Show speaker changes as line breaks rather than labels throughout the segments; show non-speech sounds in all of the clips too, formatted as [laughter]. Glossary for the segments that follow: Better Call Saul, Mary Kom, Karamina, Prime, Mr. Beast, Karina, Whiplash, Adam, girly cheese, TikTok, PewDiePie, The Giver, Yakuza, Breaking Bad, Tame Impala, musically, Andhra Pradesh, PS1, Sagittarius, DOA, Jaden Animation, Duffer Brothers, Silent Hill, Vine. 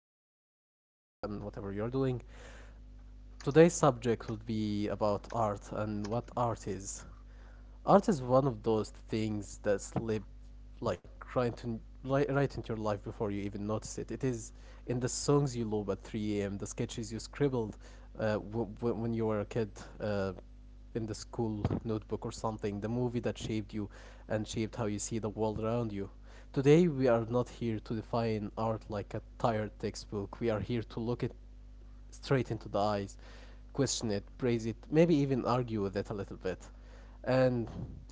night, wherever you are and whatever you're doing, today's subject would be about art and what art is. Art is one of those things that slip right, right into your life before you even notice it. It is in the songs you love at 3 a.m., the sketches you scribbled when you were a kid uh, in the school notebook or something, the movie that shaped you and shaped how you see the world around you. Today, we are not here to define art like a tired textbook. We are here to look at straight into the eyes, question it, praise it, maybe even argue with it a little bit. And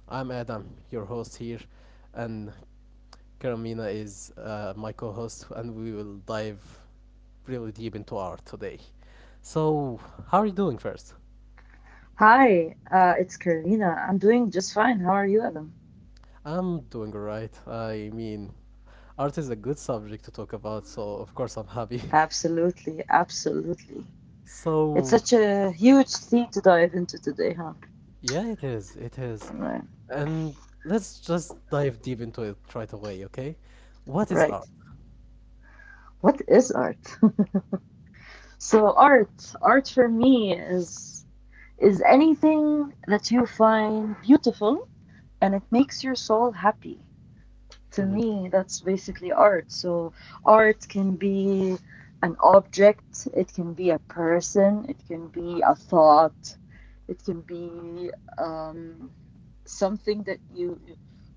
I'm Adam, your host here, and Karamina is my co host, and we will dive really deep into art today. So, how are you doing first?
Hi, it's Karina. I'm doing just fine. How are you, Adam?
I'm doing alright. I mean, art is a good subject to talk about, so of course I'm happy. [laughs]
Absolutely, absolutely. It's
So,
such a huge theme to dive into today, huh?
yeah, it is. It is.
Right,
And let's just dive deep into it right away, okay? What is
right.
art?
What is art? So art for me is anything that you find beautiful and it makes your soul happy. To
hmm
me, that's basically art. So art can be an object, it can be a person, it can be a thought, it can be um, something that you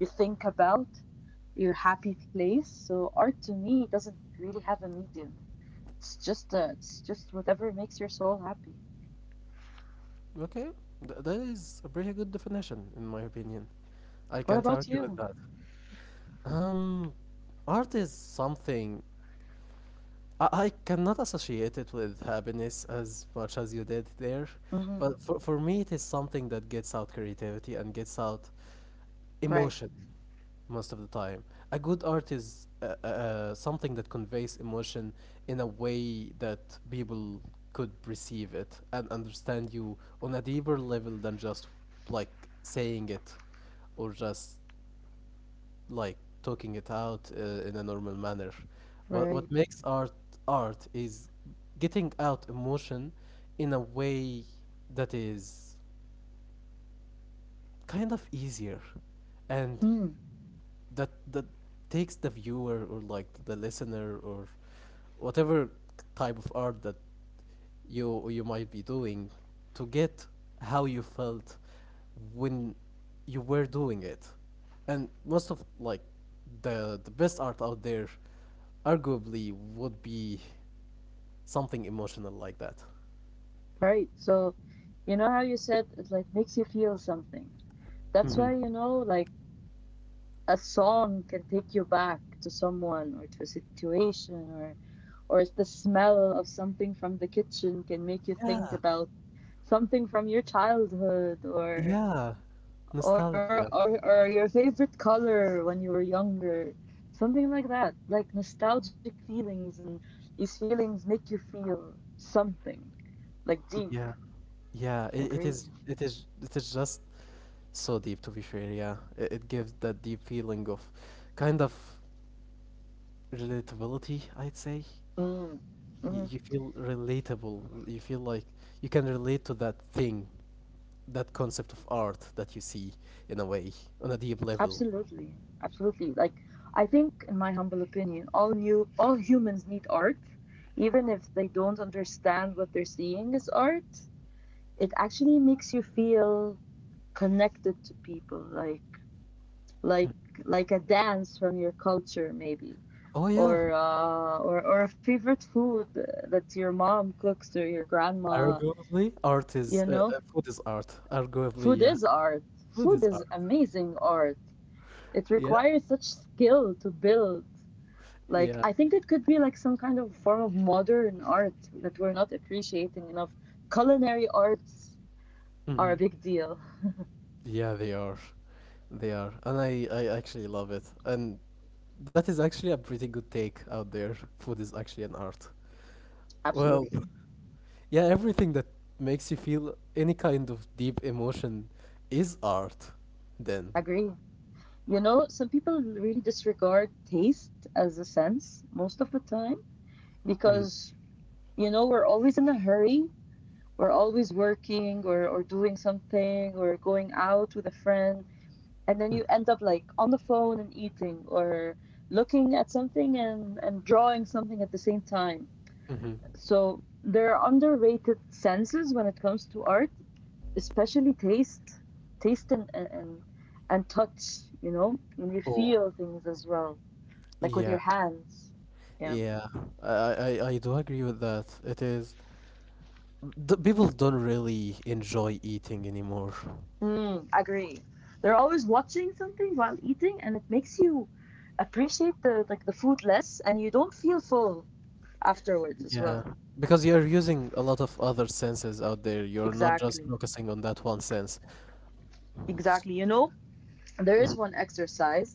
you think about, your happy place. So art to me doesn't really have a medium. It's just whatever makes your soul happy.
Okay, that is a pretty good definition, in my opinion. I
What
can't
about
argue with
you?
that. Um, art is something I cannot associate it with happiness as much as you did there,
Hmm
but for me, it is something that gets out creativity and gets out
Right,
emotion. Most of the time. A good art is something that conveys emotion in a way that people could receive it and understand you on a deeper level than just like saying it or just like talking it out in a normal manner. What
right,
what makes art art is getting out emotion in a way that is kind of easier and
mm,
that takes the viewer or like the listener or whatever type of art that you might be doing to get how you felt when you were doing it, and most of the best art out there arguably would be something emotional like that.
right. So you know how you said it like makes you feel something. That's
hmm
why, you know, like a song can take you back to someone or to a situation or the smell of something from the kitchen can make you think
yeah,
about something from your childhood or
yeah. Nostalgia.
or your favorite color when you were younger. Something like that. Like nostalgic feelings, and these feelings make you feel something like deep.
Yeah, yeah it, it
Agree.
is it is it is just so deep to be fair, yeah it gives that deep feeling of kind of relatability I'd say.
Mm.
you,
Mm.
you feel relatable, you feel like you can relate to that thing, that concept of art that you see, in a way, on a deep level.
Absolutely, absolutely. Like I think, in my humble opinion, all humans need art, even if they don't understand what they're seeing as art. It actually makes you feel connected to people, like like like a dance from your culture, maybe,
Oh yeah,
or or a favorite food that your mom cooks or your grandma.
arguably art is
You know,
food is art arguably,
food
yeah.
is art.
Food is
Food
art.
is amazing art. It
Yeah,
requires such skill to build. Like
yeah.
I think it could be like some kind of form of modern art that we're not appreciating enough. Culinary arts
hmm
are a big deal.
yeah, they are, they are, and I actually love it. And that is actually a pretty good take out there. Food is actually an art. Well,
Absolutely.
yeah, everything that makes you feel any kind of deep emotion is art, then.
Agree. You know, some people really disregard taste as a sense most of the time
Mm.
because you know we're always in a hurry, we're always working or, doing something or going out with a friend, and then you end up like on the phone and eating or looking at something and, drawing something at the same time.
Mm-hmm.
So there are underrated senses when it comes to art, especially taste, taste and touch. You know, when you
Oh,
feel things as well, like with your
yeah,
hands. Yeah,
yeah. I, I, I do agree with that. It is. D people don't really enjoy eating anymore.
mm, agree. They're always watching something while eating, and it makes you appreciate the like the food less, and you don't feel full afterwards as
Yeah,
well.
because you're using a lot of other senses out there. You're not
Exactly,
just focusing on that one sense.
exactly. You know, there
Mhm.
is one exercise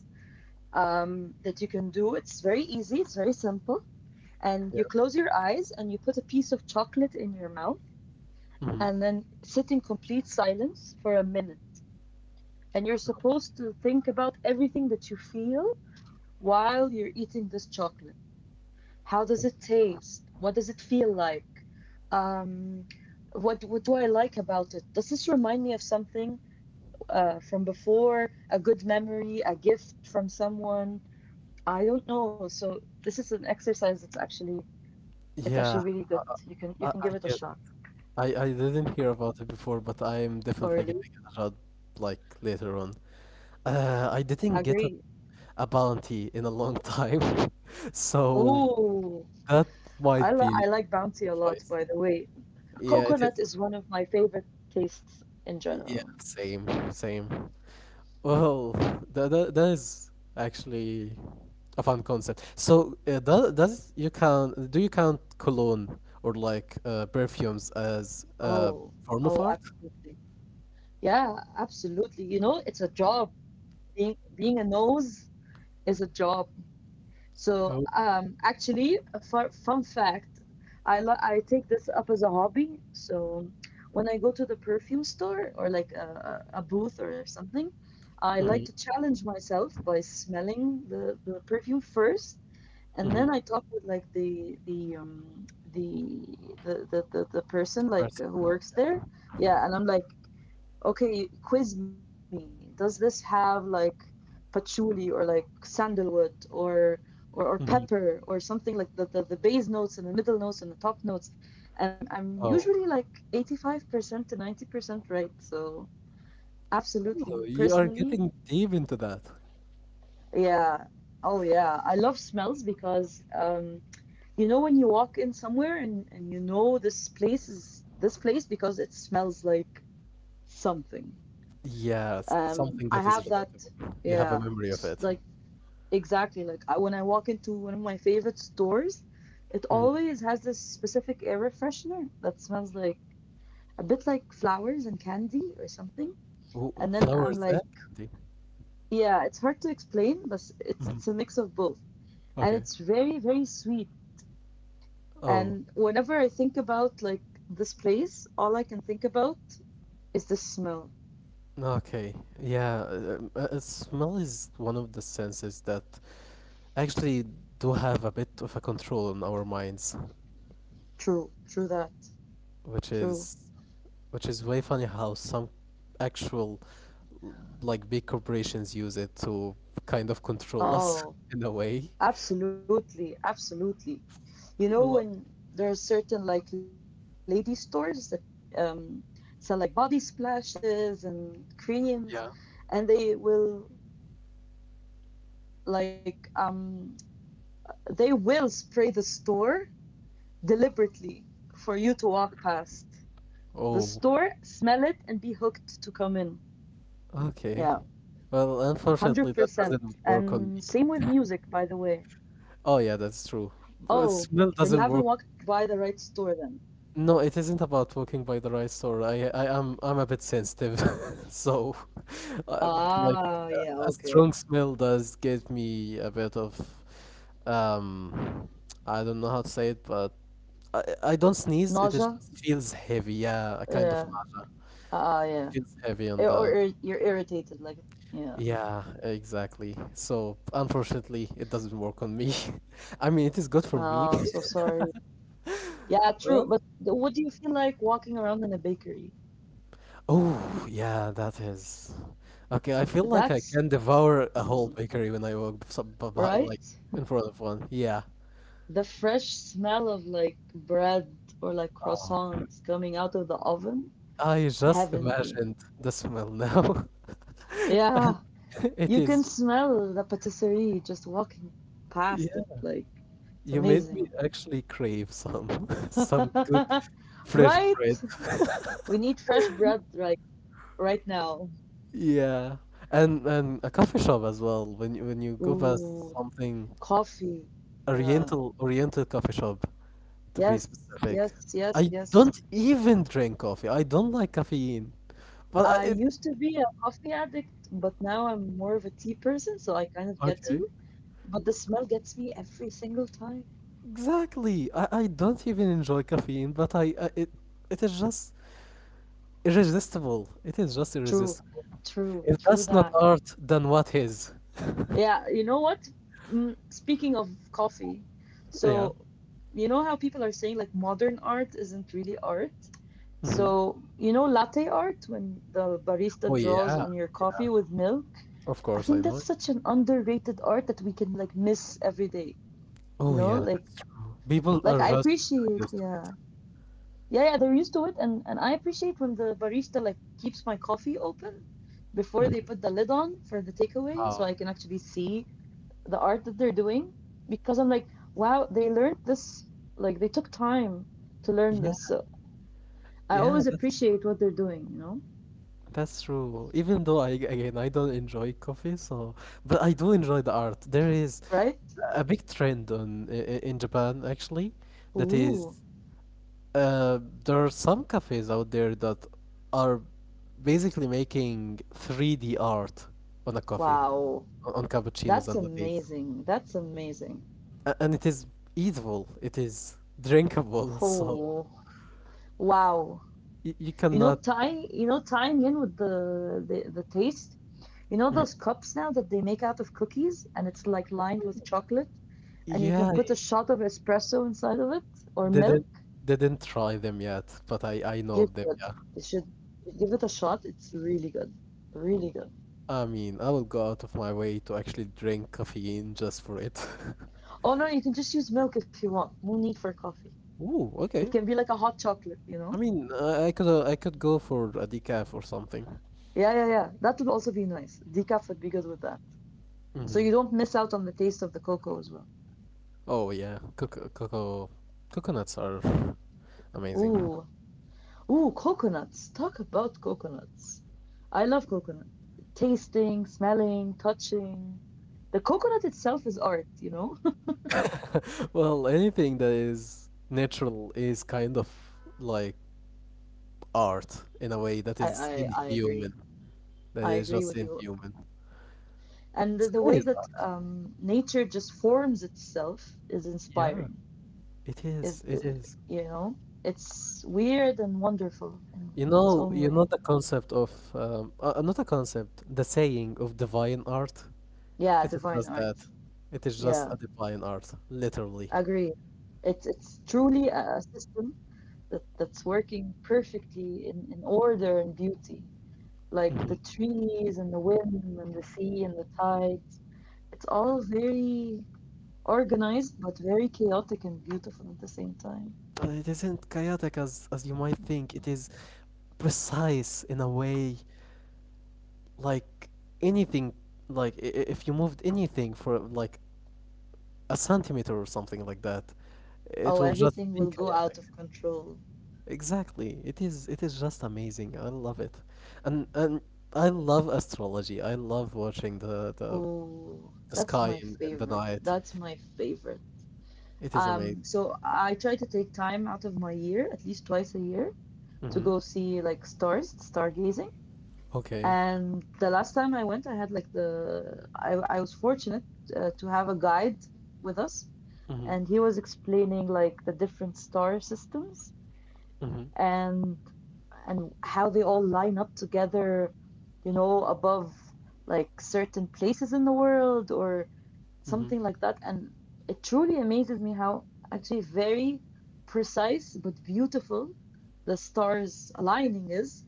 that you can do. It's very easy, it's very simple. And you
Yeah.
close your eyes and you put a piece of chocolate in your mouth
hmm
and then sit in complete silence for a minute. And you're supposed to think about everything that you feel while you're eating this chocolate. How does it taste? What does it feel like? Um, what do I like about it? Does this remind me of something from before? A good memory, a gift from someone, I don't know. So this is an exercise that's actually it's
Yeah,
actually really good. You can you can
I
give it a
get
shot.
I didn't hear about it before, but I am
Or
definitely
really
giving it a shot like later on. I
agree.
didn't get a bounty in a long time, [laughs] so
Oh,
that
I
might
li I
be
like Bounty
the
a lot,
choice.
by the way.
Yeah, it
Coconut
is.
is one of my favorite tastes in
Yeah,
general.
same, same. Well, that is actually a fun concept. So does you count? Do you count cologne or like perfumes as a
Oh,
form of
oh,
art?
absolutely. Yeah, absolutely. You know, it's a job. Being a nose is a job. So,
No.
actually, a fun fact, I take this up as a hobby. So, when I go to the perfume store or like a booth or something, I like to
Mm-hmm.
challenge myself by smelling the perfume first, and then I talk with like the the the person like who works there. Yeah, and I'm like, okay, quiz me. Does this have like patchouli or like sandalwood or or
Mm-hmm.
pepper or something, like the base notes and the middle notes and the top notes, and I'm
Oh.
usually like 85% to 90% right. So
Oh,
absolutely
you are
personally.
getting deep into that.
Yeah, oh yeah, I love smells because you know when you walk in somewhere and you know this place is this place because it smells like something.
Yeah, something
I
that is
have that.
relatable. You have a
Yeah,
memory of it.
like exactly, like I, when I walk into one of my favorite stores, it
Mm.
always has this specific air freshener that smells like a bit like flowers and candy or something.
Ooh,
And then I'm
flowers
like,
and candy.
yeah, it's hard to explain, but it's
Mhm.
it's a mix of both, and
Okay.
it's very very sweet. And
Oh,
whenever I think about like this place, all I can think about is the smell.
okay. Yeah, smell is one of the senses that actually do have a bit of a control on our minds,
True, true that,
which
true.
is way funny how some actual like big corporations use it to kind of control us [laughs] in a
Oh,
way.
absolutely, absolutely. You know
Well,
when there are certain like lady stores that um, sell like body splashes and creams,
yeah.
and they will like they will spray the store deliberately for you to walk past the
Oh.
store, smell it, and be hooked to come in.
Okay.
Yeah.
Well, unfortunately, that doesn't
100%.
work on me.
And same with music, by the way.
Oh yeah, that's true. But smell
Oh,
doesn't work.
then you haven't walked by the right store then.
No, it isn't about walking by the right store. I'm a bit sensitive, [laughs] so uh, like a
Ah, yeah,
strong smell
okay.
does give me a bit of um, I don't know how to say it, but I don't sneeze. It is
Nausea?
just feels heavy. Yeah, a kind of
Yeah.
nausea.
Ah, yeah.
Feels heavy on
Or, or
the.
ir- you're irritated, like, yeah.
Yeah, exactly. So unfortunately, it doesn't work on me. [laughs] I mean, it is good for me.
Ah, I'm so sorry. Yeah, true.
Well,
But what do you feel like walking around in a bakery?
oh, yeah, that is. Okay, I feel like I
That's
can devour a whole
mm,
bakery when I walk by, like
right.
in front of one. Yeah.
The fresh smell of like bread or like
Oh,
croissants coming out of the oven,
I just
heavenly.
imagined the smell now. [laughs] And
Yeah,
[laughs] it
you can
is.
smell the patisserie just walking past it.
Yeah,
Like, it's
you made me
amazing.
actually crave some
[laughs]
[laughs] some good
right?
fresh bread.
We need fresh bread right now.
Yeah, and a coffee shop as well. When when you go past
Ooh,
something
coffee. Yeah.
Oriental. Oriental coffee shop, to be
Yes.
specific.
Yes. Yes.
I
Yes.
don't even drink coffee. I don't like caffeine. But I,
I
it
used to be a coffee addict, but now I'm more of a tea person, so I kind of get
okay.
you. But the smell gets me every single time.
Exactly. I don't even enjoy caffeine, but I it it is just irresistible. It is just
True.
irresistible.
True.
If
True
that's not
that.
art, then what is?
Yeah, you know what? Mm, speaking of coffee,
Yeah.
so you know how people are saying like modern art isn't really art? So,
hmm
you know, latte art, when the barista
Oh
draws
yeah.
on your coffee
Yeah.
with milk,
Of
I
course
think
I
that's
know it.
such an underrated art that we can like miss every day. You
Oh
know,
yeah.
like
People
I
are just too
appreciate,
used to
yeah.
it.
Yeah, yeah, they're used to it, and I appreciate when the barista like keeps my coffee open before they
Mm-hmm.
put the lid on for the takeaway, so
Oh,
I can actually see the art that they're doing, because I'm like, wow, they learned this, like they took time to learn
yeah,
this. So I
yeah,
always appreciate what they're doing, you know?
that's true. Even though I again I don't enjoy coffee, so but I do enjoy the art. There is
Right?
a big trend on in Japan actually that
Ooh,
is there are some cafes out there that are basically making 3D art on a coffee,
wow.
on cappuccinos
That's
and lattes.
amazing. That's amazing.
And it is eatable, it is drinkable, [laughs] so
Oh, wow.
you cannot.
You know, tying in with the taste, you know,
Mm.
those cups now that they make out of cookies and it's like lined with chocolate and you can
Yeah,
put a shot of espresso inside of it, or milk.
didn't try them yet, but I know
You
of them.
should.
Yeah.
You should give it a shot. It's really good. Really good.
I mean, I will go out of my way to actually drink caffeine just for it.
Oh no, you can just use milk if you want. No need for coffee.
[laughs] Ooh, okay.
It can be like a hot chocolate, you know?
I mean, I could go for a decaf or something.
Yeah, yeah, yeah. That would also be nice. Decaf would be good with that. So
hmm
you don't miss out on the taste of the cocoa as well.
Oh yeah, cocoa, coconuts are amazing. [laughs]
Ooh. Ooh, coconuts. Talk about coconuts. I love coconut. Tasting, smelling, touching. The coconut itself is art, you know? [laughs]
Well, anything that is natural is kind of like art in a way that
I,
is
I, I agree.
inhuman. That
I
is
agree
just
with you.
inhuman.
And the
Sky
way
is
that
art.
nature just forms itself is
Yeah,
inspiring.
it is.
Is
It is.
you know, it's weird and wonderful in its own
You know
way.
the concept of not a concept, the saying of divine art. It
Yeah,
is just
divine
that.
art.
It is just a
Yeah,
divine art, literally.
agree. It's truly a system that that's working perfectly in order and beauty, like the
Mhm.
trees and the wind and the sea and the tides. It's all very organized, but very chaotic and beautiful at the same time.
But it isn't chaotic as you might think. It is precise in a way, like anything, like if you moved anything for like a centimeter or something like that, it
Oh,
will just
everything
be
will go
chaotic.
out of control.
Exactly. It is just amazing. I love it. And I love astrology. I love watching
Oh,
the
that's
sky
my
in the
favorite.
night.
That's my favorite.
It is amazing.
So I try to take time out of my year, at least twice a year, to
Mm-hmm.
go see like stars, stargazing.
Okay.
And the last time I went, I had I was fortunate to have a guide with us,
Mm-hmm.
and he was explaining like the different star systems,
Mm-hmm.
and how they all line up together, you know, above like certain places in the world or
Mm-hmm.
something like that. And it truly amazes me how actually very precise but beautiful the stars aligning is.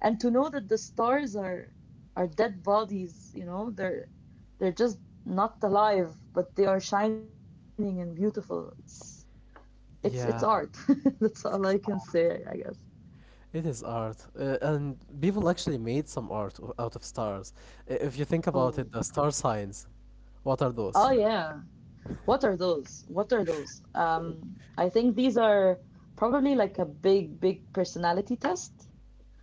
And to know that the stars are dead bodies, you know, they're just not alive, but they are shining and beautiful. It's it's art.
Yeah.
[laughs] That's all I
It
can
is
say,
art.
I guess.
It is art. And people actually made some art out of stars. If you think about it,
Oh.
the star signs, what are those?
Oh yeah. What are those? What are those? I think these are probably like a big personality test.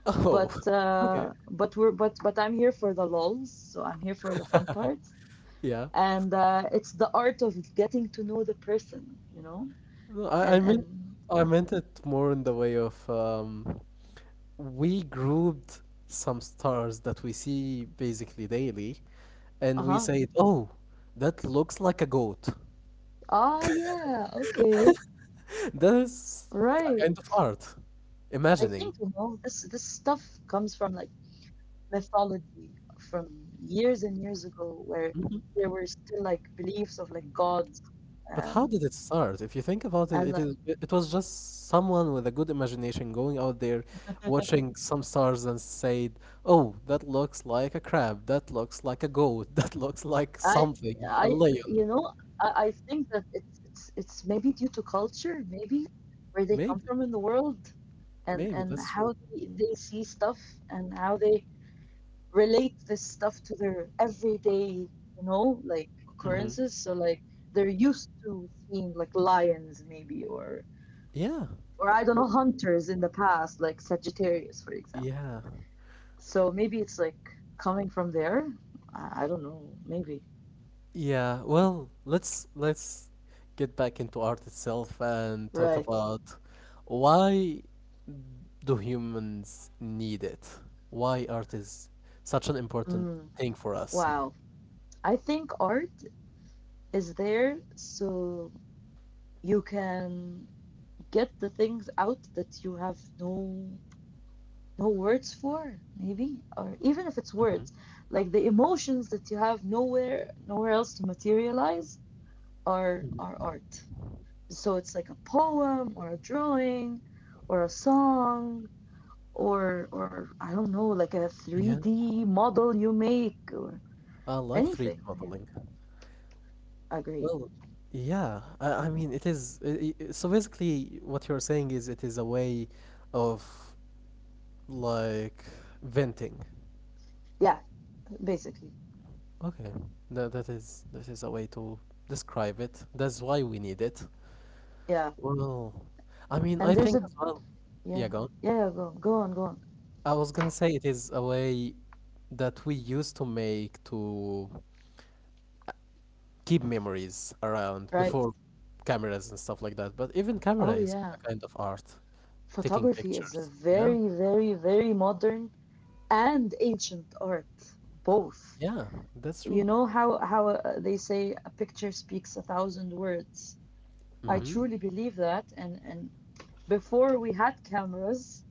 Oh. [laughs] Okay.
But we're but I'm here for the lols, so I'm here for the fun part,
Yeah.
and it's the art of getting to know the person, you know,
No,
and and
I meant it more in the way of um, we grouped some stars that we see basically daily, and
uh
we
huh.
said, "Oh, that looks like a goat."
Ah, yeah, okay,
[laughs] That's a
right.
kind of art,
I
imagining.
think you know this stuff comes from like Mythology from years and years ago where there were still like beliefs of like gods.
But
um
how did it start? If you think about it,
and
it
like,
is it was just someone with a good imagination going out there, watching some stars and said, "Oh, that looks like a crab. That looks like a goat. [laughs] That looks like
I
something, a
I you
lion."
know I think that it's maybe due to culture, maybe where they come
Maybe,
from in the world, and
maybe
and
that's true.
how they see stuff and how they relate this stuff to their everyday, you know, like
hmm
occurrences. So like they're used to seeing like lions maybe,
Yeah.
or I don't know, hunters in the past, like Sagittarius, for example.
Yeah.
So maybe it's like coming from there. I don't know, maybe.
Yeah. Well, let's get back into art itself and talk
Right.
about why do humans need it? Why art is such an important
Mm,
thing for us?
wow. I think art is there so you can get the things out that you have no no words for, maybe, or even if it's
Mhm,
words, like the emotions that you have nowhere else to materialize are
mhm.
art. So it's like a poem or a drawing or a song or I don't know, like a
Yeah,
3D model you make or
I like
anything.
3D
Yeah.
modeling.
Agreed.
Well, yeah, I mean, it is. I So basically, what you're saying is it is a way of like venting.
Yeah, basically.
Okay, that is a way to describe it. That's why we need it.
Yeah.
Well, I mean, I
And there's
think
a
as well. Yeah,
yeah.
go on.
Yeah, yeah, go on, go on.
I was gonna say it is a way that we used to make to keep memories around
Right.
before cameras and stuff like that. But even camera
Oh
is
yeah.
a kind of art, taking
Photography is a
pictures. Yeah,
very, very, very modern and ancient art, both.
yeah, that's true.
You know how they say a picture speaks a thousand words. I
hmm
truly believe that. And before we had cameras,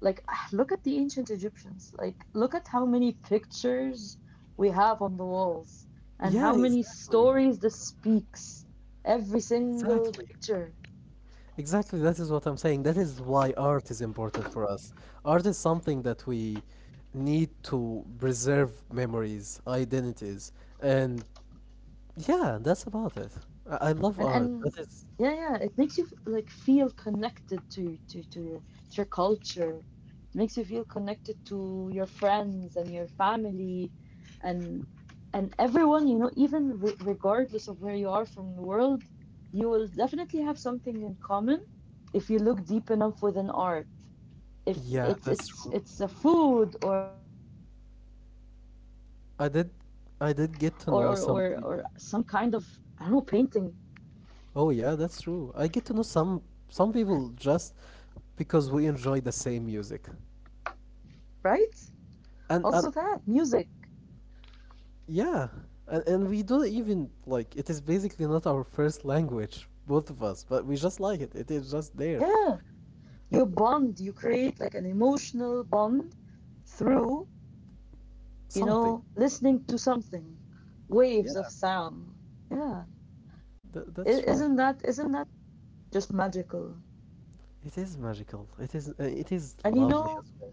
like [sighs] look at the ancient Egyptians. Like look at how many pictures we have on the walls and
Yeah,
how many stories this speaks. Every single
exactly.
picture.
Exactly, that is what I'm saying. That is why art is important for us. Art is something that we need to preserve memories, identities, and yeah, that's about it. I love art.
And
That is,
yeah, yeah. It makes you like feel connected to your culture. It makes you feel connected to your friends and your family, and and everyone. You know, even re regardless of where you are from the world, you will definitely have something in common if you look deep enough within art. If
yeah,
it's
that's
it's
true.
it's a food, or
I did,
some kind of,
I did
I
get
don't
to
know,
know some people.
painting,
Oh yeah, that's true. I get to know some people just because we enjoy the same music,
right? Also that
and
music.
yeah, and we don't even like, it is basically not our first language, both of us, but we just like it. It is just there,
Yeah. You bond, you create like an emotional bond through, you
something.
know, listening to something,
Yeah,
waves of sound, yeah.
that's true.
Isn't that just magical?
It is magical. It is
And you know,
lovely as well.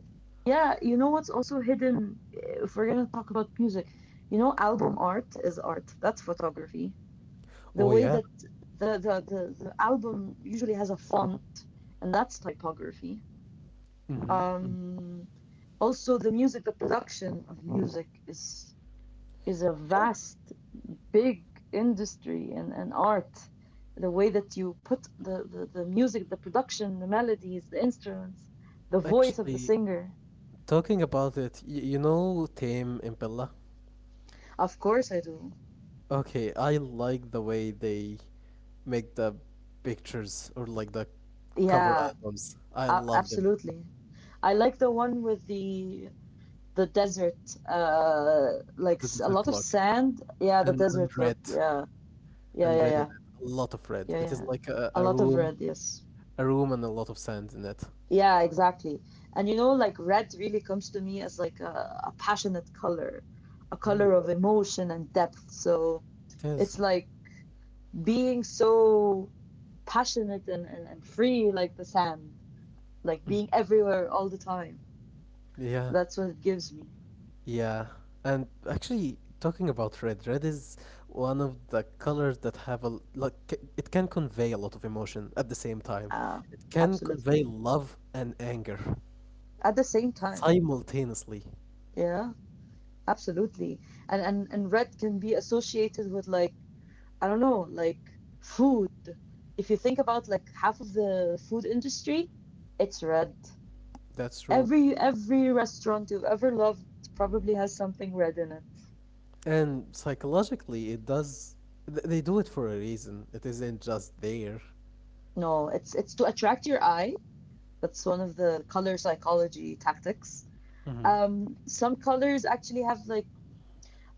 yeah, you know what's also hidden, if we're gonna talk about music, you know, album art is art, that's photography. The
Oh
way
yeah.
that the album usually has a font, and that's typography.
Mm-hmm. Mm-hmm.
um Also the music, the production of music is a
Yeah,
vast, big industry and art. The way that you put the music, the production, the melodies, the instruments, the voice of the
actually,
singer.
talking about it, Tame Impella.
Of course, I do.
Okay, I like the way they make the pictures or like the cover
Yeah,
albums. I love them.
absolutely. I like the one with the desert, like
The
a
desert
lot of
look
sand. Yeah, the
and
desert
and
look.
red.
Yeah, yeah,
And
yeah,
red in it.
yeah,
A lot of red.
yeah,
It is
yeah.
like a,
A
a
lot of
room,
red. Yes.
a room, and a lot of sand in it.
Yeah, exactly. And you know, like red really comes to me as like a passionate color, a color
Ooh.
of emotion and depth. So
It is.
it's like being so passionate and free like the sand, like
Mm.
being everywhere all the time.
Yeah.
That's what it gives me.
Yeah. And actually, talking about red, red is one of the colors that have a l- like c- it can convey a lot of emotion at the same time.
Uh,
It can
absolutely.
convey love and anger
At the same time.
simultaneously.
Yeah, absolutely. And red can be associated with like, I don't know, like food. If you think about like half of the food industry, it's red.
That's true.
Every restaurant you've ever loved probably has something red in it.
And psychologically, it does. They do it for a reason. It isn't just there.
No, it's to attract your eye. That's one of the color psychology tactics.
Mm-hmm.
Some colors actually have like,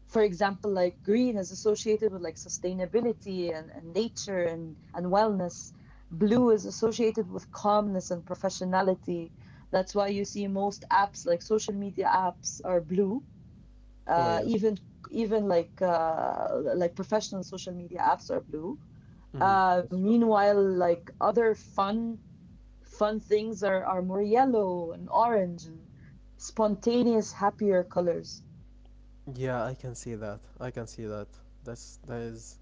for example, like green is associated with like sustainability and nature and wellness. Blue is associated with calmness and professionality. That's why you see most apps like social media apps are blue.
Oh yeah.
Even like professional social media apps are blue.
Mm-hmm.
Meanwhile, like other fun things are more yellow and orange and spontaneous, happier colors.
Yeah, I can see that. I can see that. That's that is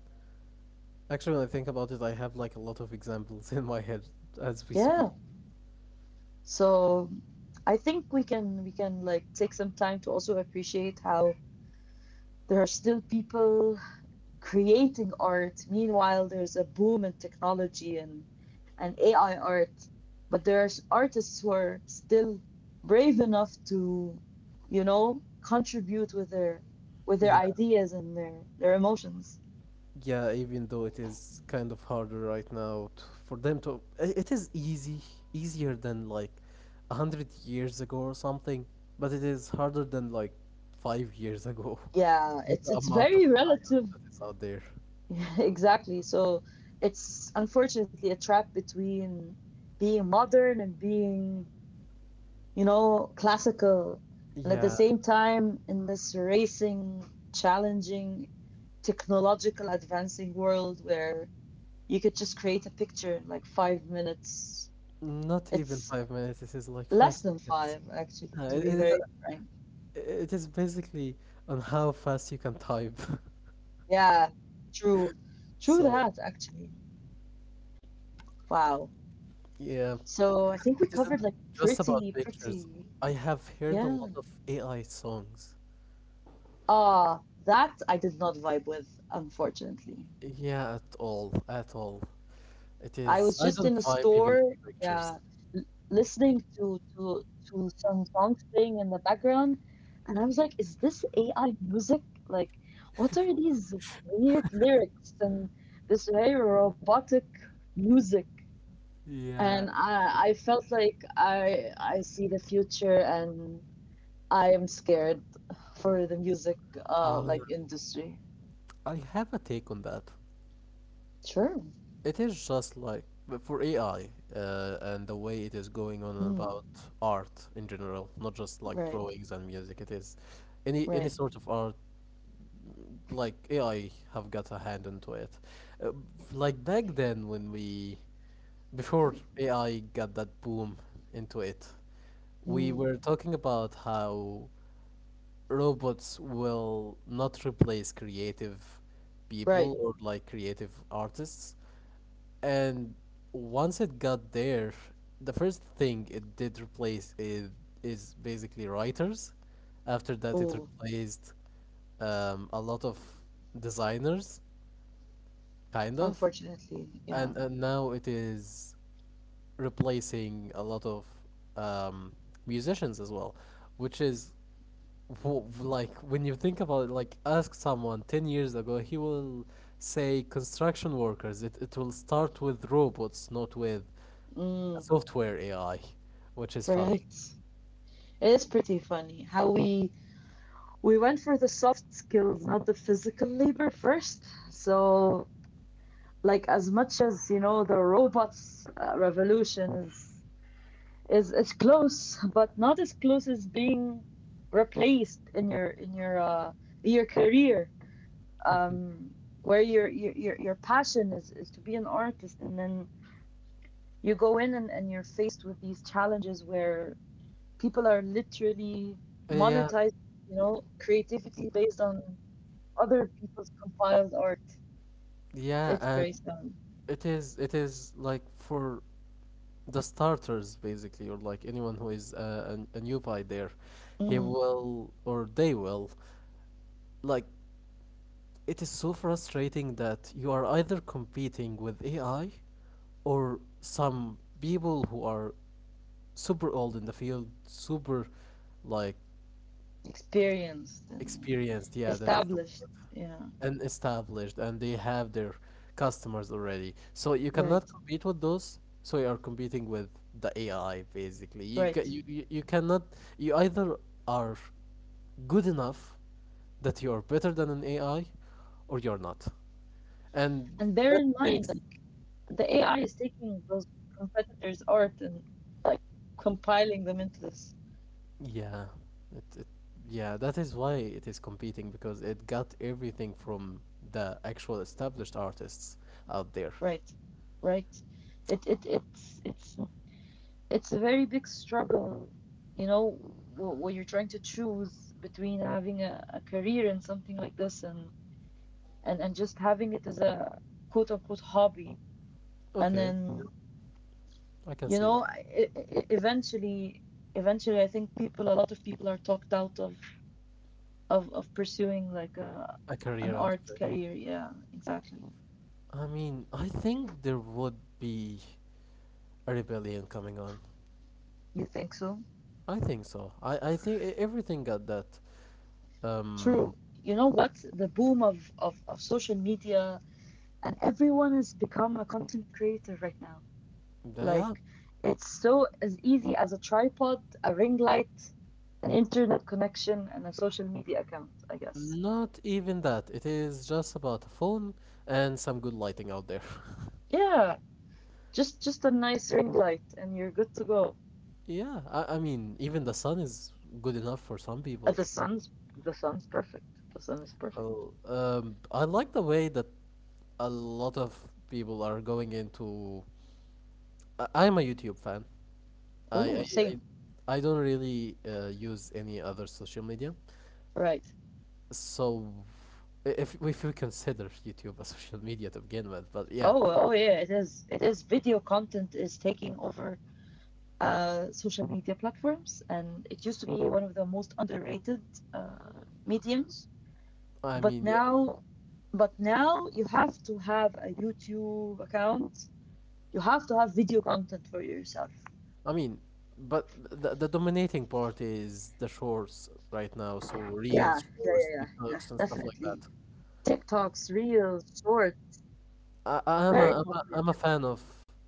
actually, when I think about it, I have like a lot of examples [laughs] in my head as we speak.
Yeah. So I think we can like take some time to also appreciate how there are still people creating art. Meanwhile, there's a boom in technology and AI art, but there's artists who are still brave enough to, you know, contribute with their
Yeah,
ideas and their emotions.
yeah. Even though it is kind of harder right now to, for them to, I- it is easy, easier than like 100 years ago or something, but it is harder than like 5 years ago
Yeah,
[laughs] with
it's
the
it's
amount of
very
AI
relative.
that is out there.
[laughs] exactly. So it's unfortunately a trap between being modern and being, you know, classical. And at the
Yeah,
same time, in this racing, challenging, technological, advancing world where you could just create a picture in like 5 minutes.
not even
It's
5 minutes. This is like five
less than
seconds.
five, actually,
Uh, it, it
to be
is
very frank.
it is basically on how fast you can type. [laughs]
Yeah, true. True
So,
that, actually. Wow.
yeah,
So I think we
it isn't
covered like
just about
pretty,
pictures.
pretty,
I have heard a
yeah.
lot of AI songs.
Ah, that I did not vibe with, unfortunately.
Yeah, at all, at all. It
I
is.
was
I
just in
don't
a
vibe even
store,
with the pictures.
yeah, l- listening to some songs playing in the background, and I was like, "Is this AI music? Like, what are these weird lyrics and this very robotic music?"
Yeah.
And I felt like I see the future, and I am scared for the music
Uh,
like industry.
I have a take on that.
Sure.
It is just like but for AI and the way it is going on
Mm,
about art in general, not just like
right.
drawings and music. It is any
Right.
any sort of art like AI have got a hand into it. Uh, like back then when we before AI got that boom into it, we
Mm,
were talking about how robots will not replace creative
right.
people or like creative artists. And once it got there, the first thing it did replace is basically writers. After that, it
Oh,
replaced a lot of designers, kind of.
unfortunately, yeah.
And now it is replacing a lot of um, musicians as well, which is like, when you think about it, like ask someone 10 years ago, he will say construction workers. It will start with robots, not with a
Mm,
software AI, which is funny.
right. It is pretty funny how we went for the soft skills, not the physical labor first. So, like as much as you know, the robots revolution is close, but not as close as being replaced in your career,
Mhm.
um, where your passion is to be an artist, and then you go in and you're faced with these challenges where people are literally
Yeah,
monetizing, you know, creativity based on other people's compiled art.
yeah,
It's
and
very sad.
it is. It is like for the starters basically, or like anyone who is a newbie there, he
Mm,
will or they will, like, it is so frustrating that you are either competing with AI or some people who are super old in the field, super like...
experienced and
Experienced, yeah, that is the
established.
word.
Yeah,
And established, and they have their customers already. So you cannot
right,
compete with those. So you are competing with the AI, basically. You ca-
right.
you you you cannot. You either are good enough that you are better than an AI, or you're not. And
And bear
that
in mind
makes
that the AI is taking those competitors' art and like compiling them into this.
yeah, it, it yeah, that is why it is competing, because it got everything from the actual established artists out there.
Right, right. It's It's a very big struggle, you know, when you're trying to choose between having a career in something like this and just having it as a quote unquote hobby. And
Okay.
then,
I can
you
see that.
know, eventually, eventually, I think people, a lot of people are talked out of pursuing like a,
A
an
career out of
art
it.
career. Yeah, exactly.
I mean, I think there would be a rebellion coming on.
You think so?
I think so. I think everything got that.
True.
Um,
You know what? The boom of social media, and everyone has become a content creator right now.
yeah, yeah.
Like it's so as easy as a tripod, a ring light, an internet connection, and a social media account, I guess.
Not even that. It is just about a phone and some good lighting out there.
Yeah, just a nice ring light and you're good to go.
[laughs] Yeah, I mean, even the sun is good enough for some people.
The sun's perfect. The sun is perfect.
Oh, I like the way that a lot of people are going into. I'm a YouTube fan, I
Oh,
I I,
same.
I don't really use any other social media.
Right.
So, if we consider YouTube a [laughs] social media to begin with, but
Oh, oh yeah, it is. It is, video content is taking over social media platforms, and it used to be one of the most underrated mediums. But
yeah,
now, but now you have to have a YouTube account. You have to have video content for yourself.
I mean, but the dominating part is the shorts right now. So
Yeah, yeah,
reels,
yeah,
shorts,
yeah, yeah,
TikToks, and stuff like
definitely.
that.
TikToks, Reels, short,
I I'm
very
a I'm a,
popular.
I'm a fan of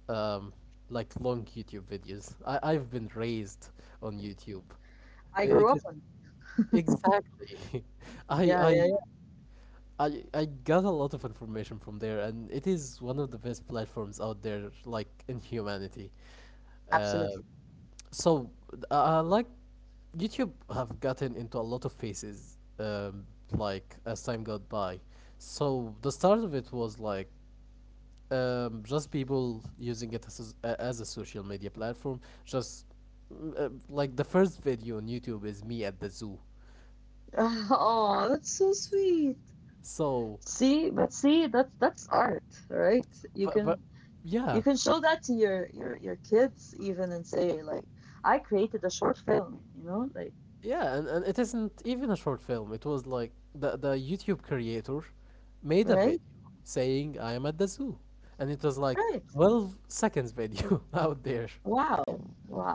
um like long YouTube videos. I've been raised on YouTube.
I grew
It
up
is
on.
exactly. [laughs] I I I got a lot of information from there, and it is one of the best platforms out there, like in humanity. Uh, so like YouTube have gotten into a lot of phases, like as time got by. So the start of it was like just people using it as as a social media platform. Just like, the first video on YouTube is me at the zoo.
[laughs] Oh, that's so sweet.
So,
See, but see, that's art, right?
but
You
yeah.
can show that to your kids even and say like, I created a short film, you know, like,
Yeah, and it isn't even a short film. It was like the YouTube creator made a video
right?
saying I am at the zoo. And it was like
Right.
12 seconds video [laughs] out there.
Wow.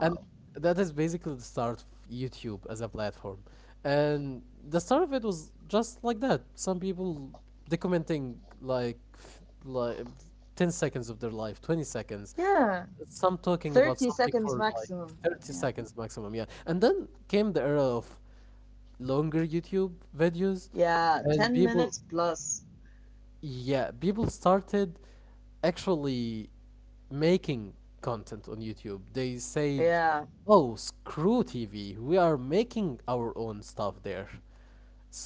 And that is basically the start of YouTube as a platform. And the start of it was just like that. Some people documenting like 10 seconds of their life, 20 seconds,
Yeah.
some talking about
30
something
seconds
for like
maximum.
30
Yeah.
seconds maximum. Yeah, and then came the era of longer YouTube videos,
Yeah.
and
10
people,
minutes plus.
yeah, people started actually making content on YouTube. They said,
Yeah.
"Oh, screw TV. We are making our own stuff there."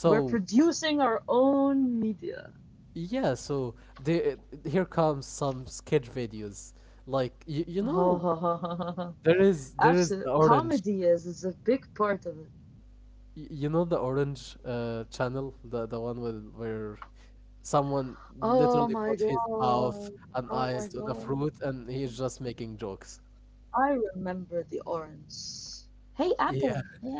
We're producing our own media. [laughs]
yeah, so the here comes some sketch videos. Like, you know,
Oh,
there is
absolutely.
the orange,
Comedy is a big part of it.
you know, the orange channel, the one with where someone
Oh
literally
my
put his mouth
God.
and
Oh
eyes
my
on a fruit,
God.
and he's just making jokes.
I remember the orange. Hey, Apple. Hey,
Yeah,
Apple.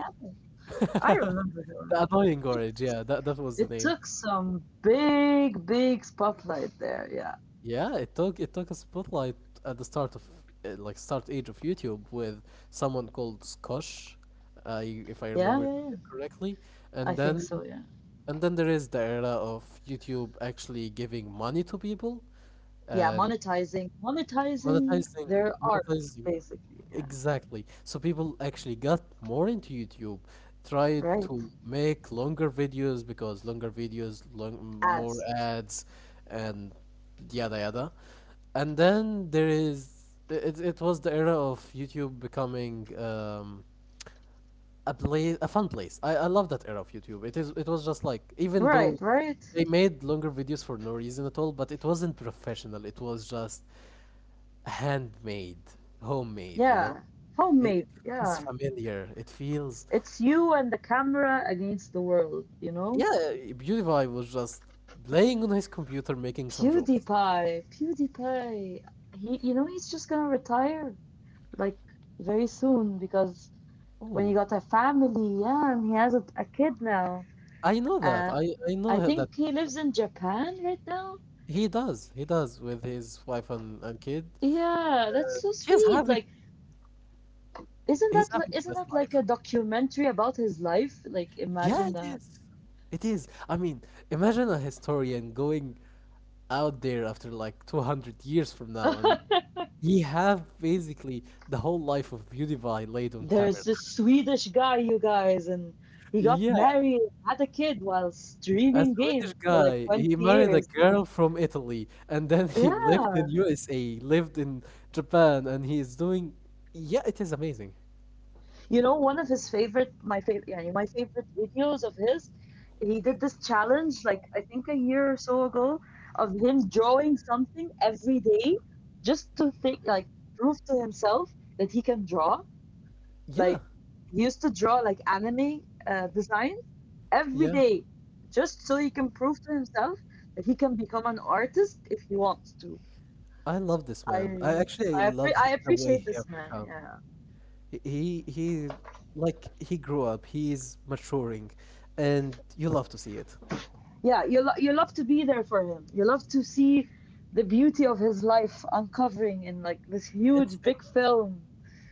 I
[laughs]
remember the orange.
the annoying orange. Yeah, that that was the
It
name.
took some big, big spotlight there. Yeah.
Yeah, it took a spotlight at the start of like start age of YouTube with someone called Skosh, if I
Yeah.
remember
Yeah. Yeah.
the name correctly,
I
and
think
then
so. Yeah.
and then there is the era of YouTube actually giving money to people,
Yeah,
and
monetizing, monetizing
Monetizing,
their art,
monetizing.
basically. Yeah,
Exactly. So people actually got more into YouTube, tried
right.
to make longer videos because longer videos, long, more
Ads.
ads, and yada yada. And then there is it was the era of YouTube becoming a place, a fun place. I love that era of YouTube. It is it was just like, even though
Right, right.
they made longer videos for no reason at all, but it wasn't professional. It was just handmade, homemade, you know?
Yeah.
It
Homemade.
feels
Yeah.
familiar. It feels.
It's you and the camera against the world, you know?
Yeah, Beautify was just playing on his computer making some jokes.
PewDiePie, PewDiePie. He, you know, he's just gonna retire like very soon because when he
Oh,
got a family, yeah, and he has a kid now.
I know that.
Uh,
I
I
know that.
think he lives in Japan right now.
He does. He does with his wife and kid.
Yeah, that's so
He's
sweet.
having
Like isn't that
he's having the
isn't that
best
like a
life.
documentary about his life? Like
Yeah,
imagine
it
that.
is. It is. I mean, imagine a historian going out there after like 200 years from now, and
[laughs]
he have basically the whole life of Beautify laid on
There's
camera.
this Swedish guy, you guys, and he got
Yeah,
married, had a kid while
a
streaming
Swedish
games for like
guy. He
20
married a
years.
girl from Italy and then he [laughs] lived in
Yeah.
USA, lived in Japan, and he is doing. Yeah, it is amazing.
You know, one of his favorite, my favorite, yeah, my favorite videos of his, he did this challenge like I think a year or so ago of him drawing something every day just to think, like prove to himself that he can draw.
Yeah,
Like used to draw like anime designs every
yeah.
day just so he can prove to himself that he can become an artist if he wants to.
I love this
i
man. I actually love
I
the way
appreciate
he
this
have
man,
become.
yeah,
He like he grew up. He is maturing, and you love to see it.
yeah. You, you love to be there for him, you love to see the beauty of his life uncovering in like this
It's
huge big film.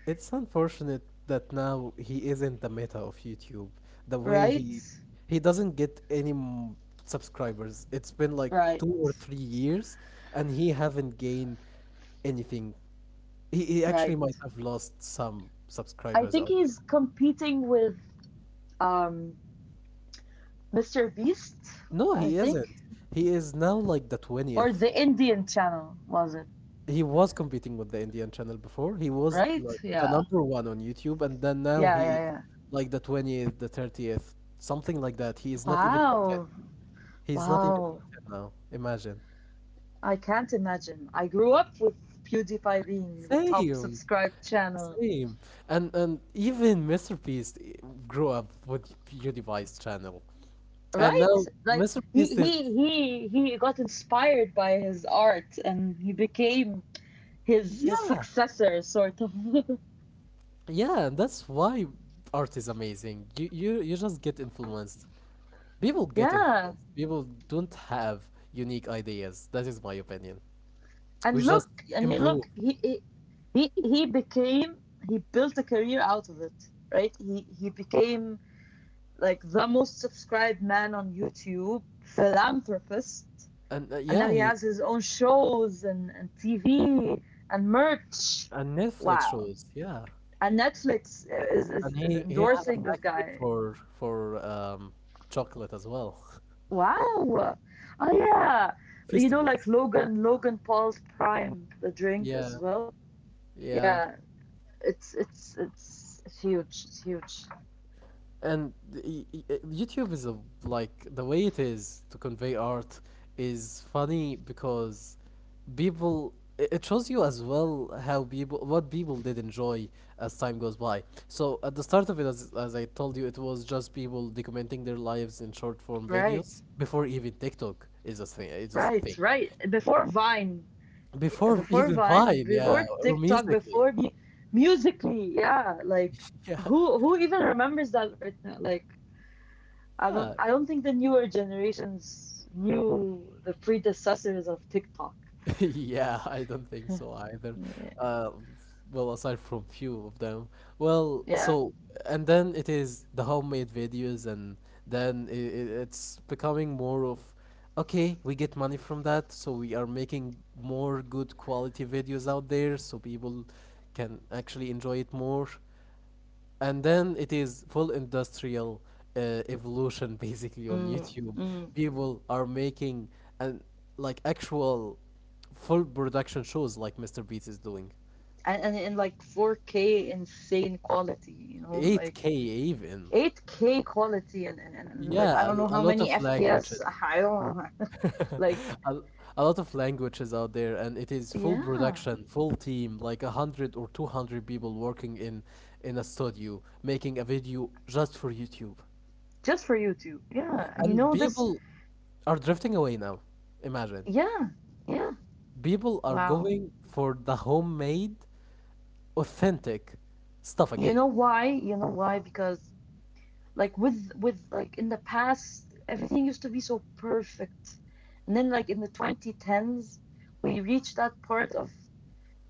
It's unfortunate that now he isn't the meta of YouTube. The way
Right,
he doesn't get any subscribers. It's been like
right,
2 or 3 years, and he haven't gained anything. He
right.
actually might have lost some
I think
subscribers out there.
he's competing with um mr beast
No,
I
he
think,
isn't. He is now like the
or
20th.
the Indian channel, was it?
He was competing with the Indian channel before. He was
Right?
like the
Yeah.
number one on YouTube, and then now
Yeah,
he
yeah,
is
yeah.
like the 20th, the 30th, something like that. He is not even top ten.
Wow.
He's not even top
Wow.
10 now. Imagine.
I can't imagine. I grew up with PewDiePie being the top
Same.
subscribed channel.
Same. And even Mr. Beast grew up with PewDiePie's channel. And
Right?
now
Like
Mr.
he
Beast is
he he he got inspired by his art and he became his
yeah.
successor sort of. [laughs]
Yeah, and that's why art is amazing. You just get influenced. People get
Yeah.
influenced. People don't have unique ideas. That is my opinion. We
And
just
look and
improve.
look he became he built a career out of it, right? He became like the most subscribed man on YouTube, philanthropist,
And
and
yeah,
now he
he's
has his own shows and TV and merch.
and Netflix
Wow.
shows. Yeah.
And Netflix is, is,
And
is
he had a
endorsing this
factory
guy.
for for um, chocolate as well,
Wow. Oh, yeah.
[laughs]
You know, like
festivals.
Logan Paul's Prime, the drink
Yeah,
as well.
yeah.
Yeah. It's huge. It's huge.
And YouTube is a like the way it is to convey art is funny because people it shows you as well how people what people did enjoy as time goes by. So at the start of it, as I told you, it was just people documenting their lives in short form videos
Right.
before even TikTok is a
Right.
thing.
Right. Before Vine,
Before
before
even
Vine,
Vine, yeah,
before
or
TikTok,
musically,
musically, yeah. Like
yeah, [laughs]
who even remembers that right now? Like I don't
yeah,
I don't think the newer generations knew the predecessors of TikTok.
[laughs] yeah. I don't think so either.
Yeah.
Uh, well, aside from few of them. Well,
Yeah.
so and then it is the homemade videos, and then I it's becoming more of, okay, we get money from that, so we are making more good quality videos out there, so people can actually enjoy it more. And then it is full industrial evolution [laughs] basically on
Mm,
YouTube.
mm.
People are making and like actual full production shows like Mr. Beats is doing.
And in like 4K insane quality, you know, like
8K even.
8K quality, like I
Yeah, a,
don't know
a
how
lot
many
of languages.
FPS. I don't know. [laughs] like
[laughs] a, a lot of languages out there and it is full
yeah,
production, full team, like 100 or 200 people working in a studio making a video just for YouTube.
just for YouTube. Yeah, and you
And
know this.
people are drifting away now. Imagine.
Yeah, yeah.
People are
Wow.
going for the homemade, authentic stuff
You
again.
know why? You know why? Because like with like in the past, everything used to be so perfect. And then like in the 2010s, we reached that part of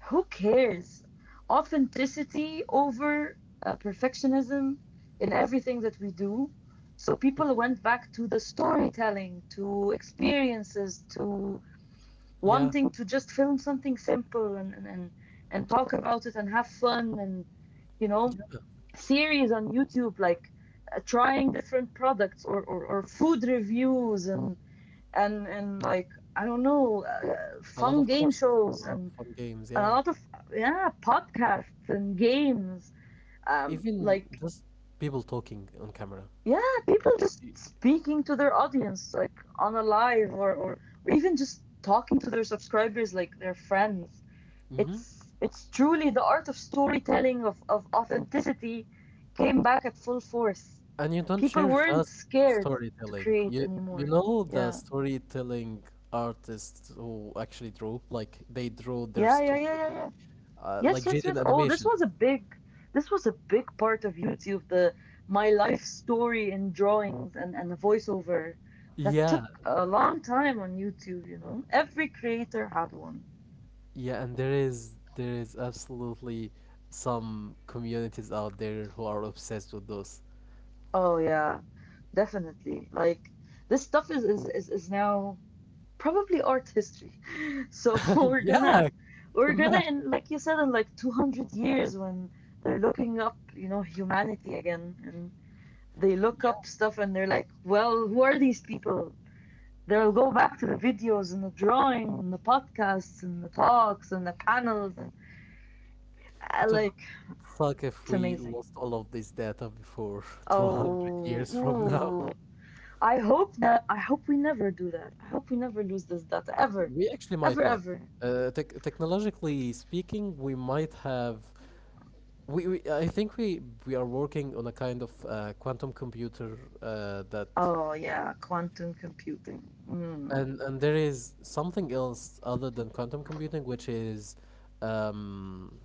who cares? Authenticity over perfectionism in everything that we do. So people went back to the storytelling, to experiences, to
Yeah,
wanting to just film something simple and and, talk about it and have fun and you know series on YouTube, like trying different products or food reviews and like I don't know,
a lot
fun
of
game
courses, a
shows,
lot of
and
fun games,
a
yeah.
lot of yeah podcasts and games.
Even
Like
just people talking on camera.
yeah, people just speaking to their audience like on a live or even just talking to their subscribers like their friends.
hmm
It's truly the art of storytelling of authenticity came back at full force.
And you don't
People
share
weren't
just
scared to
storytelling.
create
You you
anymore.
know the
Yeah.
storytelling artists who actually draw, like they draw their
Yeah, yeah, yeah,
story,
yeah, yeah. Yes,
like
yes, yes.
Jaden
Oh, this was
Animation.
a big this was a big part of YouTube, the my life story in drawings and a voiceover that took
Yeah,
a long time on YouTube, you know. Every creator had one.
yeah, and there is absolutely some communities out there who are obsessed with those.
Oh yeah, definitely. Like this stuff is now probably art history. [laughs] So [laughs] we're
[laughs]
gonna
Yeah,
we're gonna
imagine.
in like you said in like 200 years when they're looking up you know humanity again and they look
Yeah.
up stuff and they're like well who are these people they'll go back to the videos and the drawing and the podcasts and the talks and the panels and
It would
like
suck
it's
if we
amazing
lost all of this data before [laughs] 200
oh
years from now.
ooh. I hope we never do that, I hope we never lose this data ever
We actually might
ever
not.
ever.
Technologically speaking, we might have. We I think we are working on a kind of quantum computer that.
Oh yeah, quantum computing, mm.
And there is something else other than quantum computing, which is, um,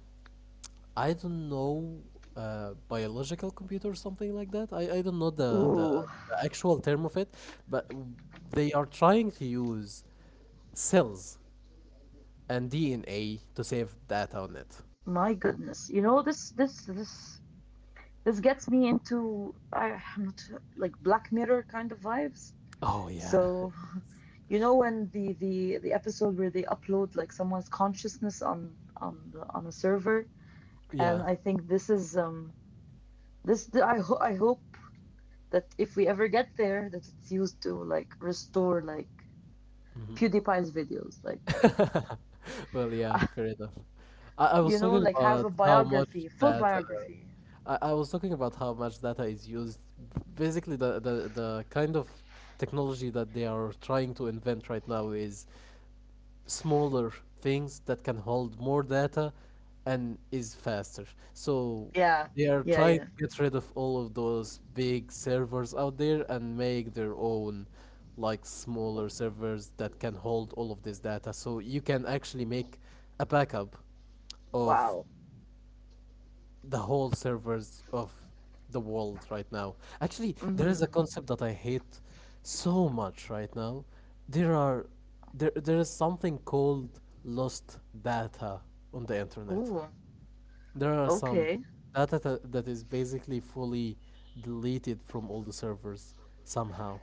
I don't know, biological computer or something like that. I don't know the,
Ooh,
the the actual term of it, but they are trying to use cells and DNA to save data on it.
my goodness, you know this gets me into I, I'm not like Black Mirror kind of vibes,
Oh yeah,
so you know when the episode where they upload like someone's consciousness on the, on a server and
yeah.
I think this is this I hope that if we ever get there that it's used to like restore like
hmm
PewDiePie's videos like
[laughs] well, yeah,
[laughs] uh,
fair enough. I
you
was
know
talking
like have a
about how much
biography, full
data
biography,
I was talking about how much data is used. Basically, the kind of technology that they are trying to invent right now is smaller things that can hold more data and is faster. So
yeah
they are
yeah
trying
yeah
to get rid of all of those big servers out there and make their own like smaller servers that can hold all of this data so you can actually make a backup of
wow.
the whole servers of the world right now. Actually, there is a
Mhm.
concept that I hate so much right now. There are there there is something called lost data on the internet.
Oh,
There are some
okay.
that is basically fully deleted from all the servers somehow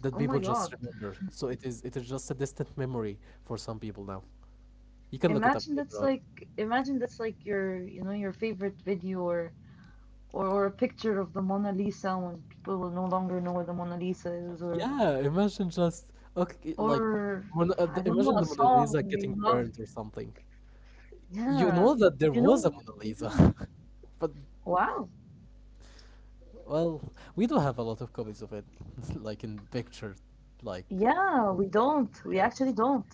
that
Oh
people
my
just
God.
remember. So it is just a distant memory for some people now. You can look it up
Imagine
later
that's
on.
like, imagine that's like your you know your favorite video or a picture of the Mona Lisa when people will no longer know what the Mona Lisa is
Yeah, imagine just okay, like
or I don't know
Imagine
a
the Mona Lisa
song we
getting
love.
burned or something. You
Yeah.
know that there
You
was
know,
a Mona
yeah.
Lisa, [laughs] but
Wow.
well, we do have a lot of copies of it, [laughs] like in picture, like
Yeah,
of
we
what
don't. We
is, yeah.
actually don't.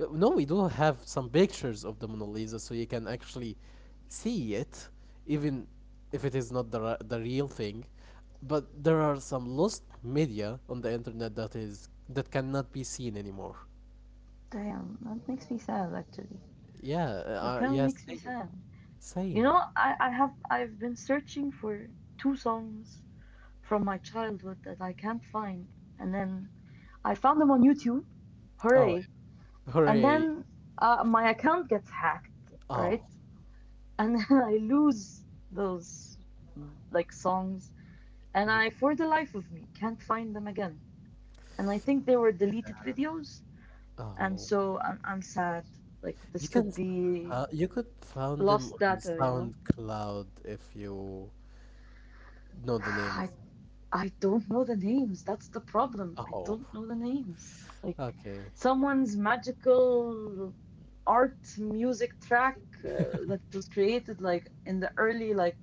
No, we do have some pictures of the Mona Lisa, so you can actually see it, even if it is not the the real thing. But there are some lost media on the internet that is that cannot be seen anymore.
Damn, that makes me sad actually.
Yeah,
That kind of
yeah,
makes me
same,
sad. You
same.
know, I have I've been searching for two songs from my childhood that I can't find. And then I found them on YouTube.
Oh,
Hooray.
[laughs]
And
hooray!
then my account gets hacked,
Oh,
right? And [laughs] then I lose those like songs. And I,
mm,
for the life of me, can't find them again. And I think they were deleted videos. And
oh.
so I'm sad. Like
You
this
can,
could
s-
be
you could found them
lost
on
data, you know?
SoundCloud if you know
[sighs]
the
I
names.
I don't know the names. That's the problem. I
Oh,
don't know the names. Like
okay.
someone's magical art music track that was created like in the early like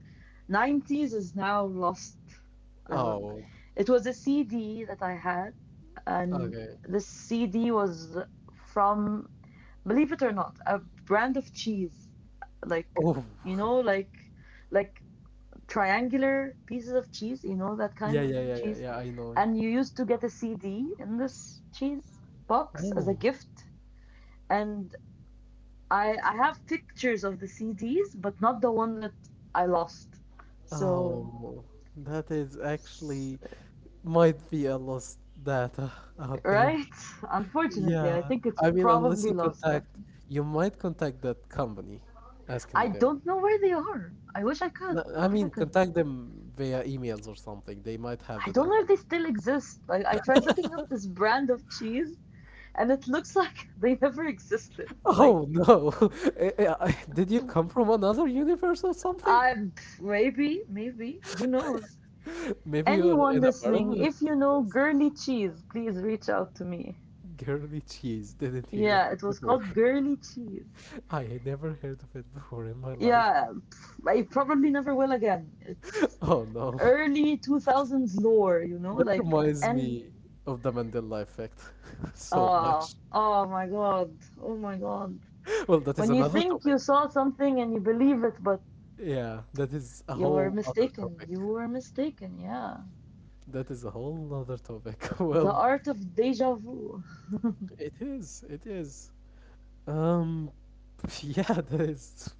90s is now lost. Um,
Oh,
it was a CD that I had, and
okay.
the CD was from, believe it or not, a brand of cheese. Like,
Oh,
you
[laughs]
know, like triangular pieces of cheese, you know, that
yeah,
kind of
yeah, yeah, yeah,
cheese.
yeah. I know.
And you used to get a CD in this cheese box as a
Oh,
gift. And I have pictures of the CDs, but not the one that I lost. So,
oh. That is actually might be a lost data [laughs] out there.
right? Unfortunately, I
Yeah,
think
I
it's
mean, unless you
probably lost.
contact,
That thing.
you might contact that company,
I
asking them.
don't know where they are. I wish I
No,
could.
I
I wish
mean,
I could.
contact them via emails or something. They might have
I
the
don't know
data.
if they still exist. Like I tried looking up this brand of cheese, and it looks [laughs] like they never existed. Like
Oh no! [laughs] Did you come from another universe or something?
I'm maybe, maybe, who knows?
[laughs] Maybe you
Anyone
are in a
listening,
parallel
if you know
universe.
girly cheese, please reach out to me.
Girly cheese, didn't hear
Yeah,
of
it
it
was
before.
called girly cheese.
[laughs] I had never heard of it before in my life.
Yeah, pff, I probably never will again. It's
Oh no. [laughs]
early 2000s lore, you know,
That
like,
reminds
and
me of the Mandela effect [laughs] so
uh,
much.
oh my god, oh my god.
[laughs] Well, that is
When you
another
think
topic.
you saw something and you believe it, but
Yeah, that is a whole other topic.
you were mistaken, yeah.
That is a whole other topic. [laughs]
The
Well,
art of deja vu.
it is. It is. Um, [laughs] yeah, that is. [laughs]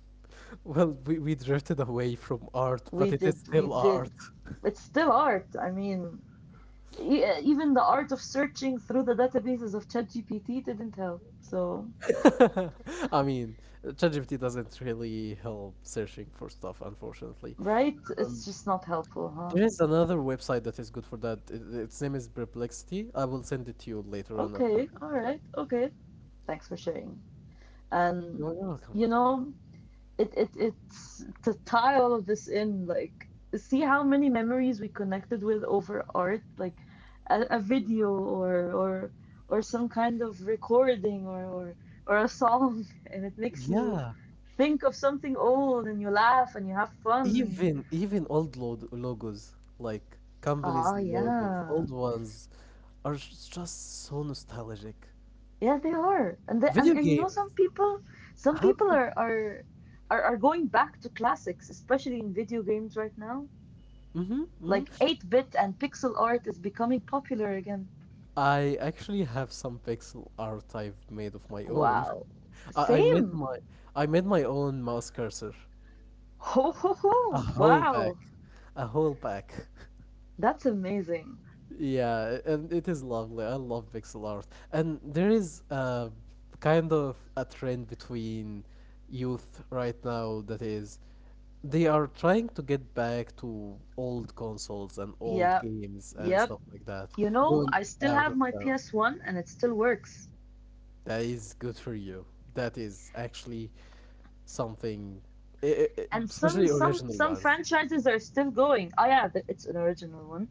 Well, we drifted away from art,
we
but it is
did we
still
did
art.
it's still art, I mean even the art of searching through the databases of ChatGPT didn't help, so
[laughs] I mean, ChatGPT doesn't really help searching for stuff, unfortunately.
right
Um,
it's just not helpful huh.
there is another website that is good for that. It, its name is Perplexity. I will send it to you later on after we
Okay, all
finish that.
right, okay, thanks for sharing. And
You're welcome.
you know it's to tie all of this in, like see how many memories we connected with over art, like a video or or some kind of recording, or a song [laughs] and it makes you
Yeah.
think of something old and you laugh and you have fun and
Even even old log logos, like
oh
companies' logos,
yeah
old ones, are just so nostalgic.
yeah they are, and the, and,
Video
and you know
games.
some people some
How
people
did I?
are, are are going back to classics, especially in video games right now.
Mm-hmm, mm.
Like 8-bit and pixel art is becoming popular again.
I actually have some pixel art I've made of my own.
Wow.
[laughs] I, I made
Same.
my I made my own mouse cursor.
Ho ho ho.
A whole
Wow.
pack, a whole pack. [laughs]
That's amazing.
Yeah, and it is lovely. I love pixel art. And there is kind of a trend between youth right now that is they are trying to get back to old consoles and old
Yeah.
games and
Yep.
stuff like that.
You know,
Going
I still
out
have
of
my
town.
PS1 and it still works.
That is good for you. That is actually something,
And some
especially
some
original
some
ones.
franchises are still going. Oh yeah, it's an original one.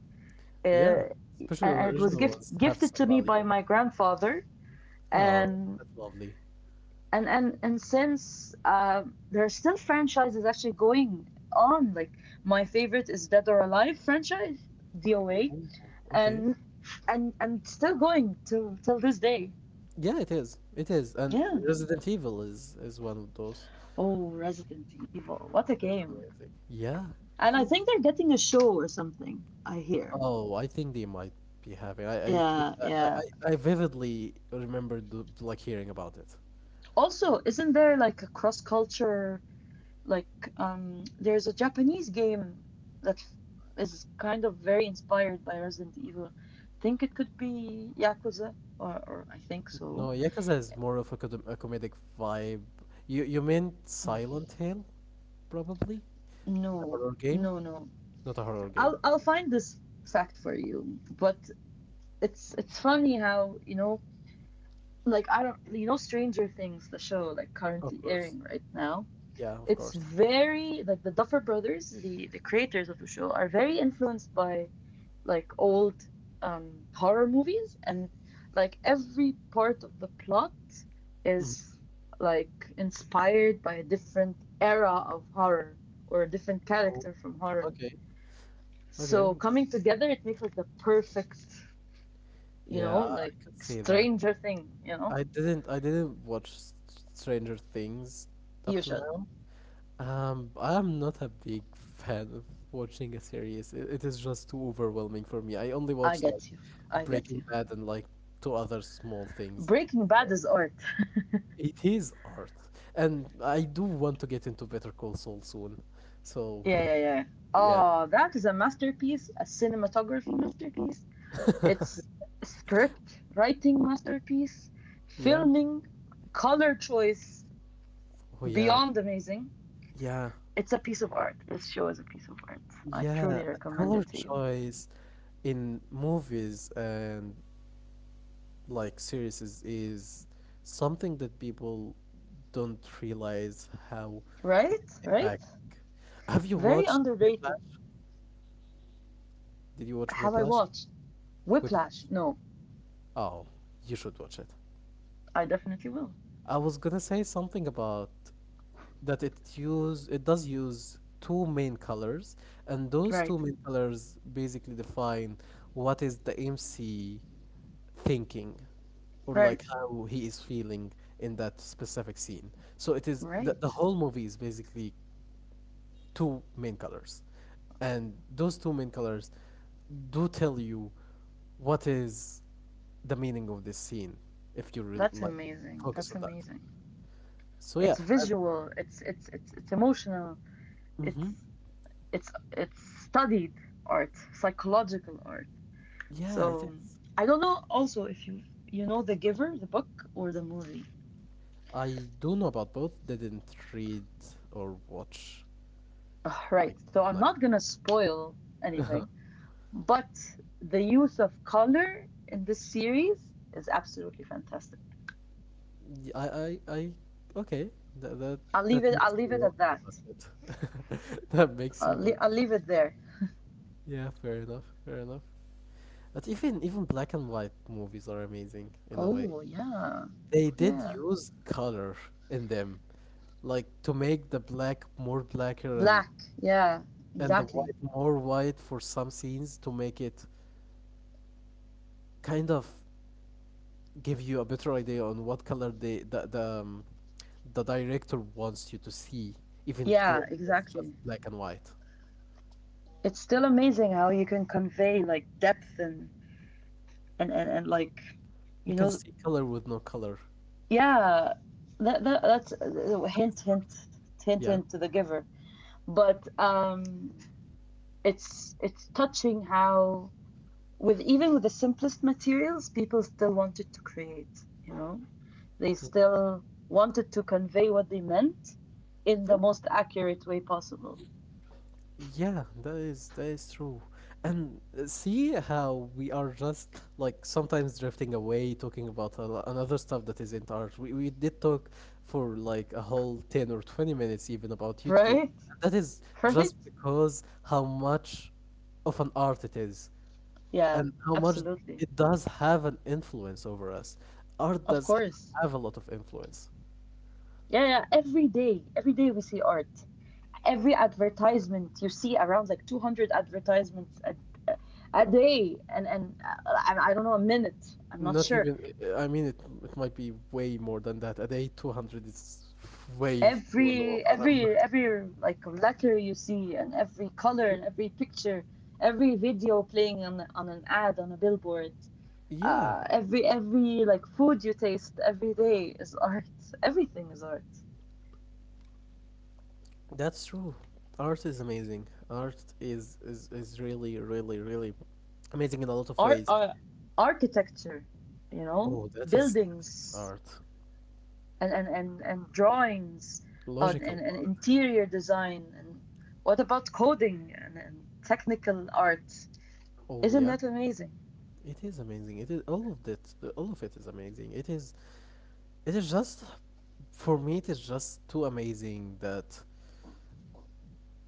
Yeah,
Uh,
especially
and it was
original ones have
gifted
some
to me
value.
by my grandfather.
Oh,
And
that's lovely.
since there are still franchises actually going on, like my favorite is Dead or Alive franchise, DOA,
Ooh, okay.
and still going till this day.
Yeah, it is. It is, and
Yeah,
Resident Evil is one of those.
oh Resident Evil, what a
It's
game,
amazing. Yeah,
and
it
I
is.
think they're getting a show or something I hear.
Oh, I think they might be having. I think
Yeah yeah,
I vividly remember the, like hearing about it.
also isn't there like a cross culture, like there's a Japanese game that is kind of very inspired by Resident Evil. I think it could be Yakuza, or I think so.
No, Yakuza is more of a, a comedic vibe. You meant Silent Hill, probably? The
No,
horror game?
no, no.
Not a horror game.
I'll find this fact for you. But it's funny how you know, like I don't, you know, Stranger Things, the show, like
Of
currently
course.
airing right now.
Yeah, of
It's
course.
very like the Duffer Brothers, the creators of the show, are very influenced by like old horror movies, and like every part of the plot is
Mhm.
like inspired by a different era of horror or a different
Oh,
character from horror.
okay. Okay.
So coming together, it makes like the perfect, you
Yeah,
know, like
I could see that.
Stranger Thing. You know,
I didn't watch S- Stranger Things up
you
till
should.
now. I'm not a big fan of watching a series. It is just too overwhelming for me. I only
I
watch like
get you. I get
Breaking
you.
Bad and like two other small things.
Breaking Bad is art. [laughs]
It is art, and I do want to get into Better Call Saul soon. So
Yeah.
yeah,
Oh, that is a masterpiece, a cinematography masterpiece.
[laughs]
It's script writing masterpiece,
yeah,
filming, color choice
oh yeah,
beyond amazing.
yeah,
It's a piece of art. This show is a piece of art. I
yeah.
truly
A
recommend
color
it to you.
choice in movies and like series is something that people don't realize how it
Right?
is
Right?
impacting. Have you
Very
watched Whiplash?
underrated.
Did you watch
Have I
Whiplash?
watched
Whiplash.
Whiplash? No,
Oh, you should watch it.
I definitely will.
I was gonna say something about that it does use two main colors, and those
Right.
two main colors basically define what is the MC thinking or
Right.
like how he is feeling in that specific scene. So it is the
Right.
whole movie is basically two main colors. And those two main colors do tell you what is the meaning of this scene if you re-
That's
like
amazing.
focus
That's
on that.
amazing.
So
It's
yeah, and,
visual. It's emotional. It's
hmm
it's studied art, psychological art.
yeah, it
So
is.
I don't know also if you you know The Giver, the book or the movie.
I do know about both. Didn't read or watch
Ugh,
like
right. So I'm
no.
not gonna spoil anything, but the use of color in this series is absolutely fantastic.
Y- I okay. That that
I'll leave
that
it. I'll
makes me
leave it
want
at
to watch
that.
it. [laughs] That makes me want.
I'll leave it there.
Yeah, fair enough, fair enough. But even even black and white movies are amazing in a way.
Oh yeah,
They did
yeah.
use color in them, like to make the black more blacker and
Black. Yeah,
and the
exactly.
white more white for some scenes to make it kind of give you a better idea on what color they the director wants you to see, even though
Yeah,
it was just
exactly.
black and white.
It's still amazing how you can convey like depth and like
You
you
can
know
see color with no color.
yeah that, that's a hint hint hint
Yeah.
hint to The Giver but it's touching how with even with the simplest materials people still wanted to create you know they
Mm.
still wanted to convey what they meant in
Yeah.
the most accurate way possible.
Yeah, that is true. And see how we are just like sometimes drifting away talking about a another stuff that isn't ours. We did talk for like a whole 10 or 20 minutes even about
[laughs]
YouTube.
Right,
That is
right,
just because how much of an art it is
yeah,
and how much
absolutely,
it does have an influence over us. Art
of
does
course,
have a lot of influence.
yeah yeah. Every day every day we see art, every advertisement you see around, like 200 advertisements a day, and I don't know, a minute I'm not
Not
sure.
even. I mean, it might be way more than that. A day, 200 is way too low
Every
of a number.
like letter you see and every color
Yeah,
and every picture, every video playing on an ad on a billboard,
yeah,
every like food you taste every day is art, everything is art.
that's true. Art is amazing. Art is really, really, really amazing in a lot of
Art,
ways.
architecture, you know,
Oh, that is
buildings
art.
and and drawings on,
Logical
and
art.
interior design, and what about coding and technical art,
Oh
isn't
yeah,
that amazing?
it is amazing. It is all of that. All of it is amazing. It is. It is just for me. It is just too amazing that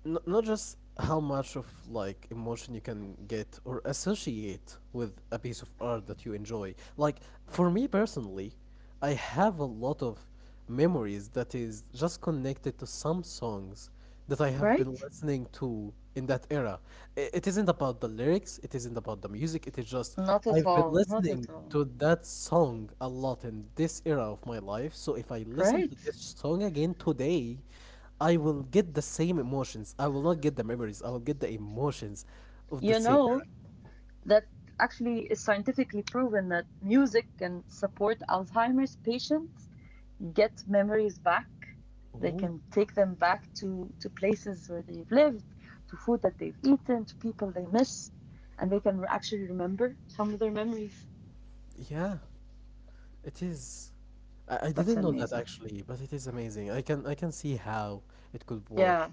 not just how much of like emotion you can get or associate with a piece of art that you enjoy, like for me personally, I have a lot of memories that is just connected to some songs that I have been
Right.
listening to in that era. It isn't about the lyrics, it isn't about the music, it is just
Not at
I've been
all, not
listening
at all.
to that song a lot in this era of my life, so if I listen to
Right.
this song again today, I will get the same emotions. I will not get the memories. I will get the emotions of the
You
same era.
know that actually is scientifically proven that music can support Alzheimer's patients, get memories back. They
Oh,
can take them back to places where they've lived, to food that they've eaten, to people they miss, and they can actually remember some of their memories.
yeah, it is. I didn't
That's
know that
amazing.
actually, but it is amazing. I can see how it could work.
Yeah,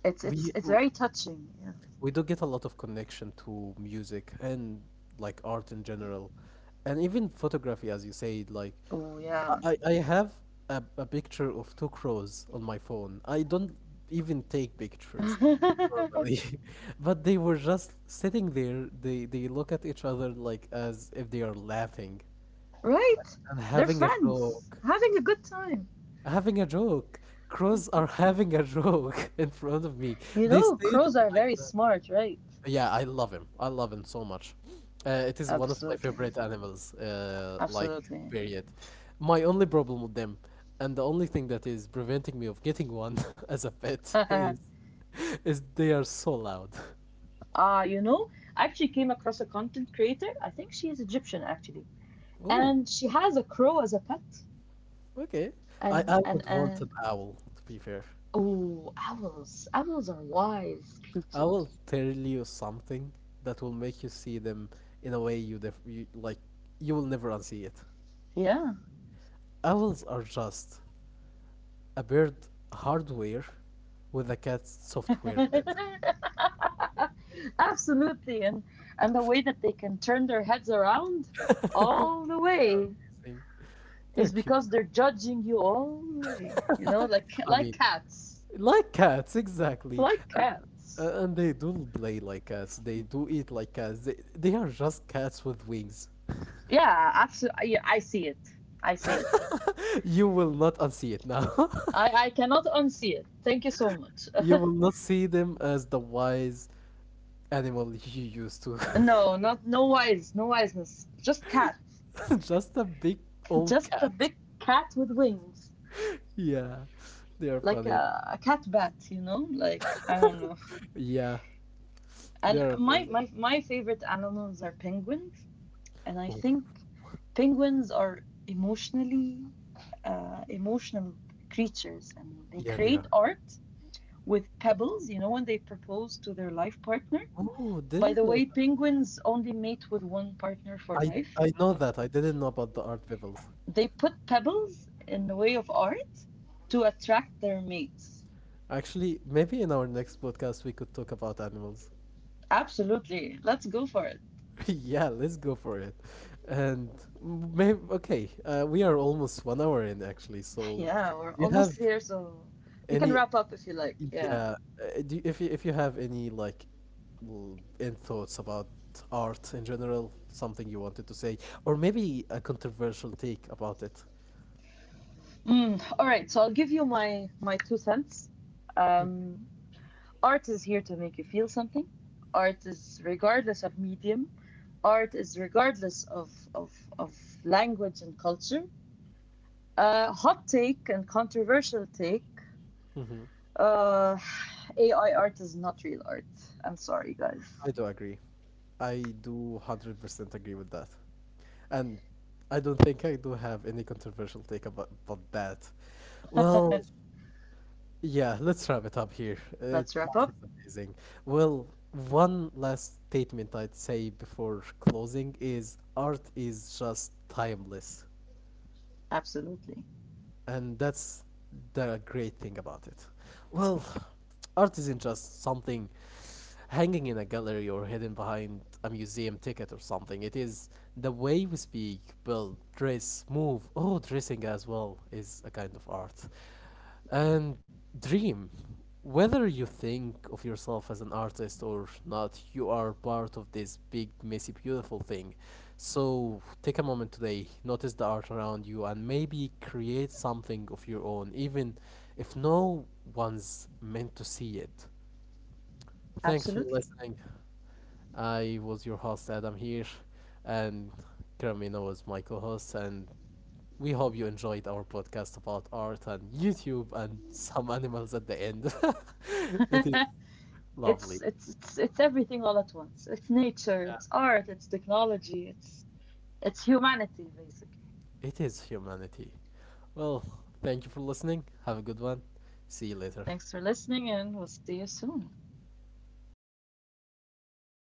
it's
We
it's it's very touching. Yeah.
we do get a lot of connection to music and like art in general and even photography as you said like
Oh yeah.
I have a picture of two crows on my phone. I don't even take pictures normally [laughs] but they were just sitting there. They look at each other like as if they are laughing
[laughs] right?
and
They're
having a
friends,
joke,
having a good time.
having a joke, crows are [laughs] having a joke [laughs] in front of me.
You
They
know,
stayed
crows are
like
very
that.
smart, right?
Yeah, I love him. I love him so much. It is one of my
Absolutely,
favorite animals, like,
absolutely.
period. My only problem with them, and the only thing that is preventing me of getting one [laughs] as a pet,
[laughs]
is they are so loud.
You know, I actually came across a content creator. I think she's Egyptian actually,
Ooh,
and she has a crow as a pet.
okay. I,
And
I would want an owl, to be fair.
oh, owls! Owls are wise
I will
creatures.
tell you something that will make you see them in a way you, def- you like you will never unsee it.
Yeah,
Owls are just a bird hardware with a cat software in it.
[laughs] absolutely. And the way that they can turn their heads around all the
They are
way
amazing. They're
is
cute.
because they're judging you all the way. You know,
I mean,
like cats,
like cats, exactly.
like
And,
cats.
and they do play like cats. They do eat like cats. They are just cats with wings.
Yeah, absolutely. I see it. I see it.
[laughs] You will not unsee it now.
I cannot unsee it. Thank you so much. [laughs]
[laughs] You will not see them as the wise animal [laughs] you used to.
No, not no wise, no wiseness. Just cat.
[laughs] Just a big old
Just a
cat.
big cat with wings.
Yeah, they are
Like
funny.
a cat bat, you know? Like I don't know.
Yeah, they
And
are amazing.
my favorite animals are penguins. And I
Oh,
think penguins are emotionally emotional creatures and they
yeah, they
create
are.
art with pebbles, you know, when they propose to their life partner.
Oh,
By
didn't
the
know
way,
that.
penguins only mate with one partner for life.
I know that. I didn't know about the art pebbles.
They put pebbles in the way of art to attract their mates.
Actually, maybe in our next podcast we could talk about animals.
Absolutely. Let's go for it.
[laughs] Yeah, let's go for it. And maybe okay, we are almost 1 hour in actually. So,
Yeah, we're
do you have
almost here, so we can
any?
wrap up if you like. Yeah.
Yeah, do you, if you have any like end thoughts about art in general, something you wanted to say, or maybe a controversial take about it.
Mm, all right, so I'll give you my 2 cents.
Hmm,
Um, art is here to make you feel something. Art is regardless of medium. Art is regardless of language and culture. Hot take and controversial take.
mm-hmm.
Uh, AI art is not real art. I'm sorry, guys.
I do agree. I do 100% agree with that. And I don't think I do have any controversial take about that. Well,
[laughs]
yeah, let's wrap it up here.
Let's wrap
Art
up.
is amazing. Well, one last statement I'd say before closing is art is just timeless,
Absolutely,
and that's the great thing about it. Well, art isn't just something hanging in a gallery or hidden behind a museum ticket or something. It is the way we speak, build, dress, move. Oh, dressing as well is a kind of art. And dream. Whether you think of yourself as an artist or not, you are part of this big, messy, beautiful thing. So take a moment today, notice the art around you, and maybe create something of your own, even if no one's meant to see it. Thanks for
absolutely.
listening. I was your host, Adam, here, and Karamina was my co host, and we hope you enjoyed our podcast about art and YouTube and some animals at the end. [laughs] It is
[laughs]
lovely.
It's it's everything all at once. It's nature. It's art. It's technology. It's humanity, basically.
It is humanity. Well, thank you for listening. Have a good one. See you later.
Thanks for listening, and we'll see you soon.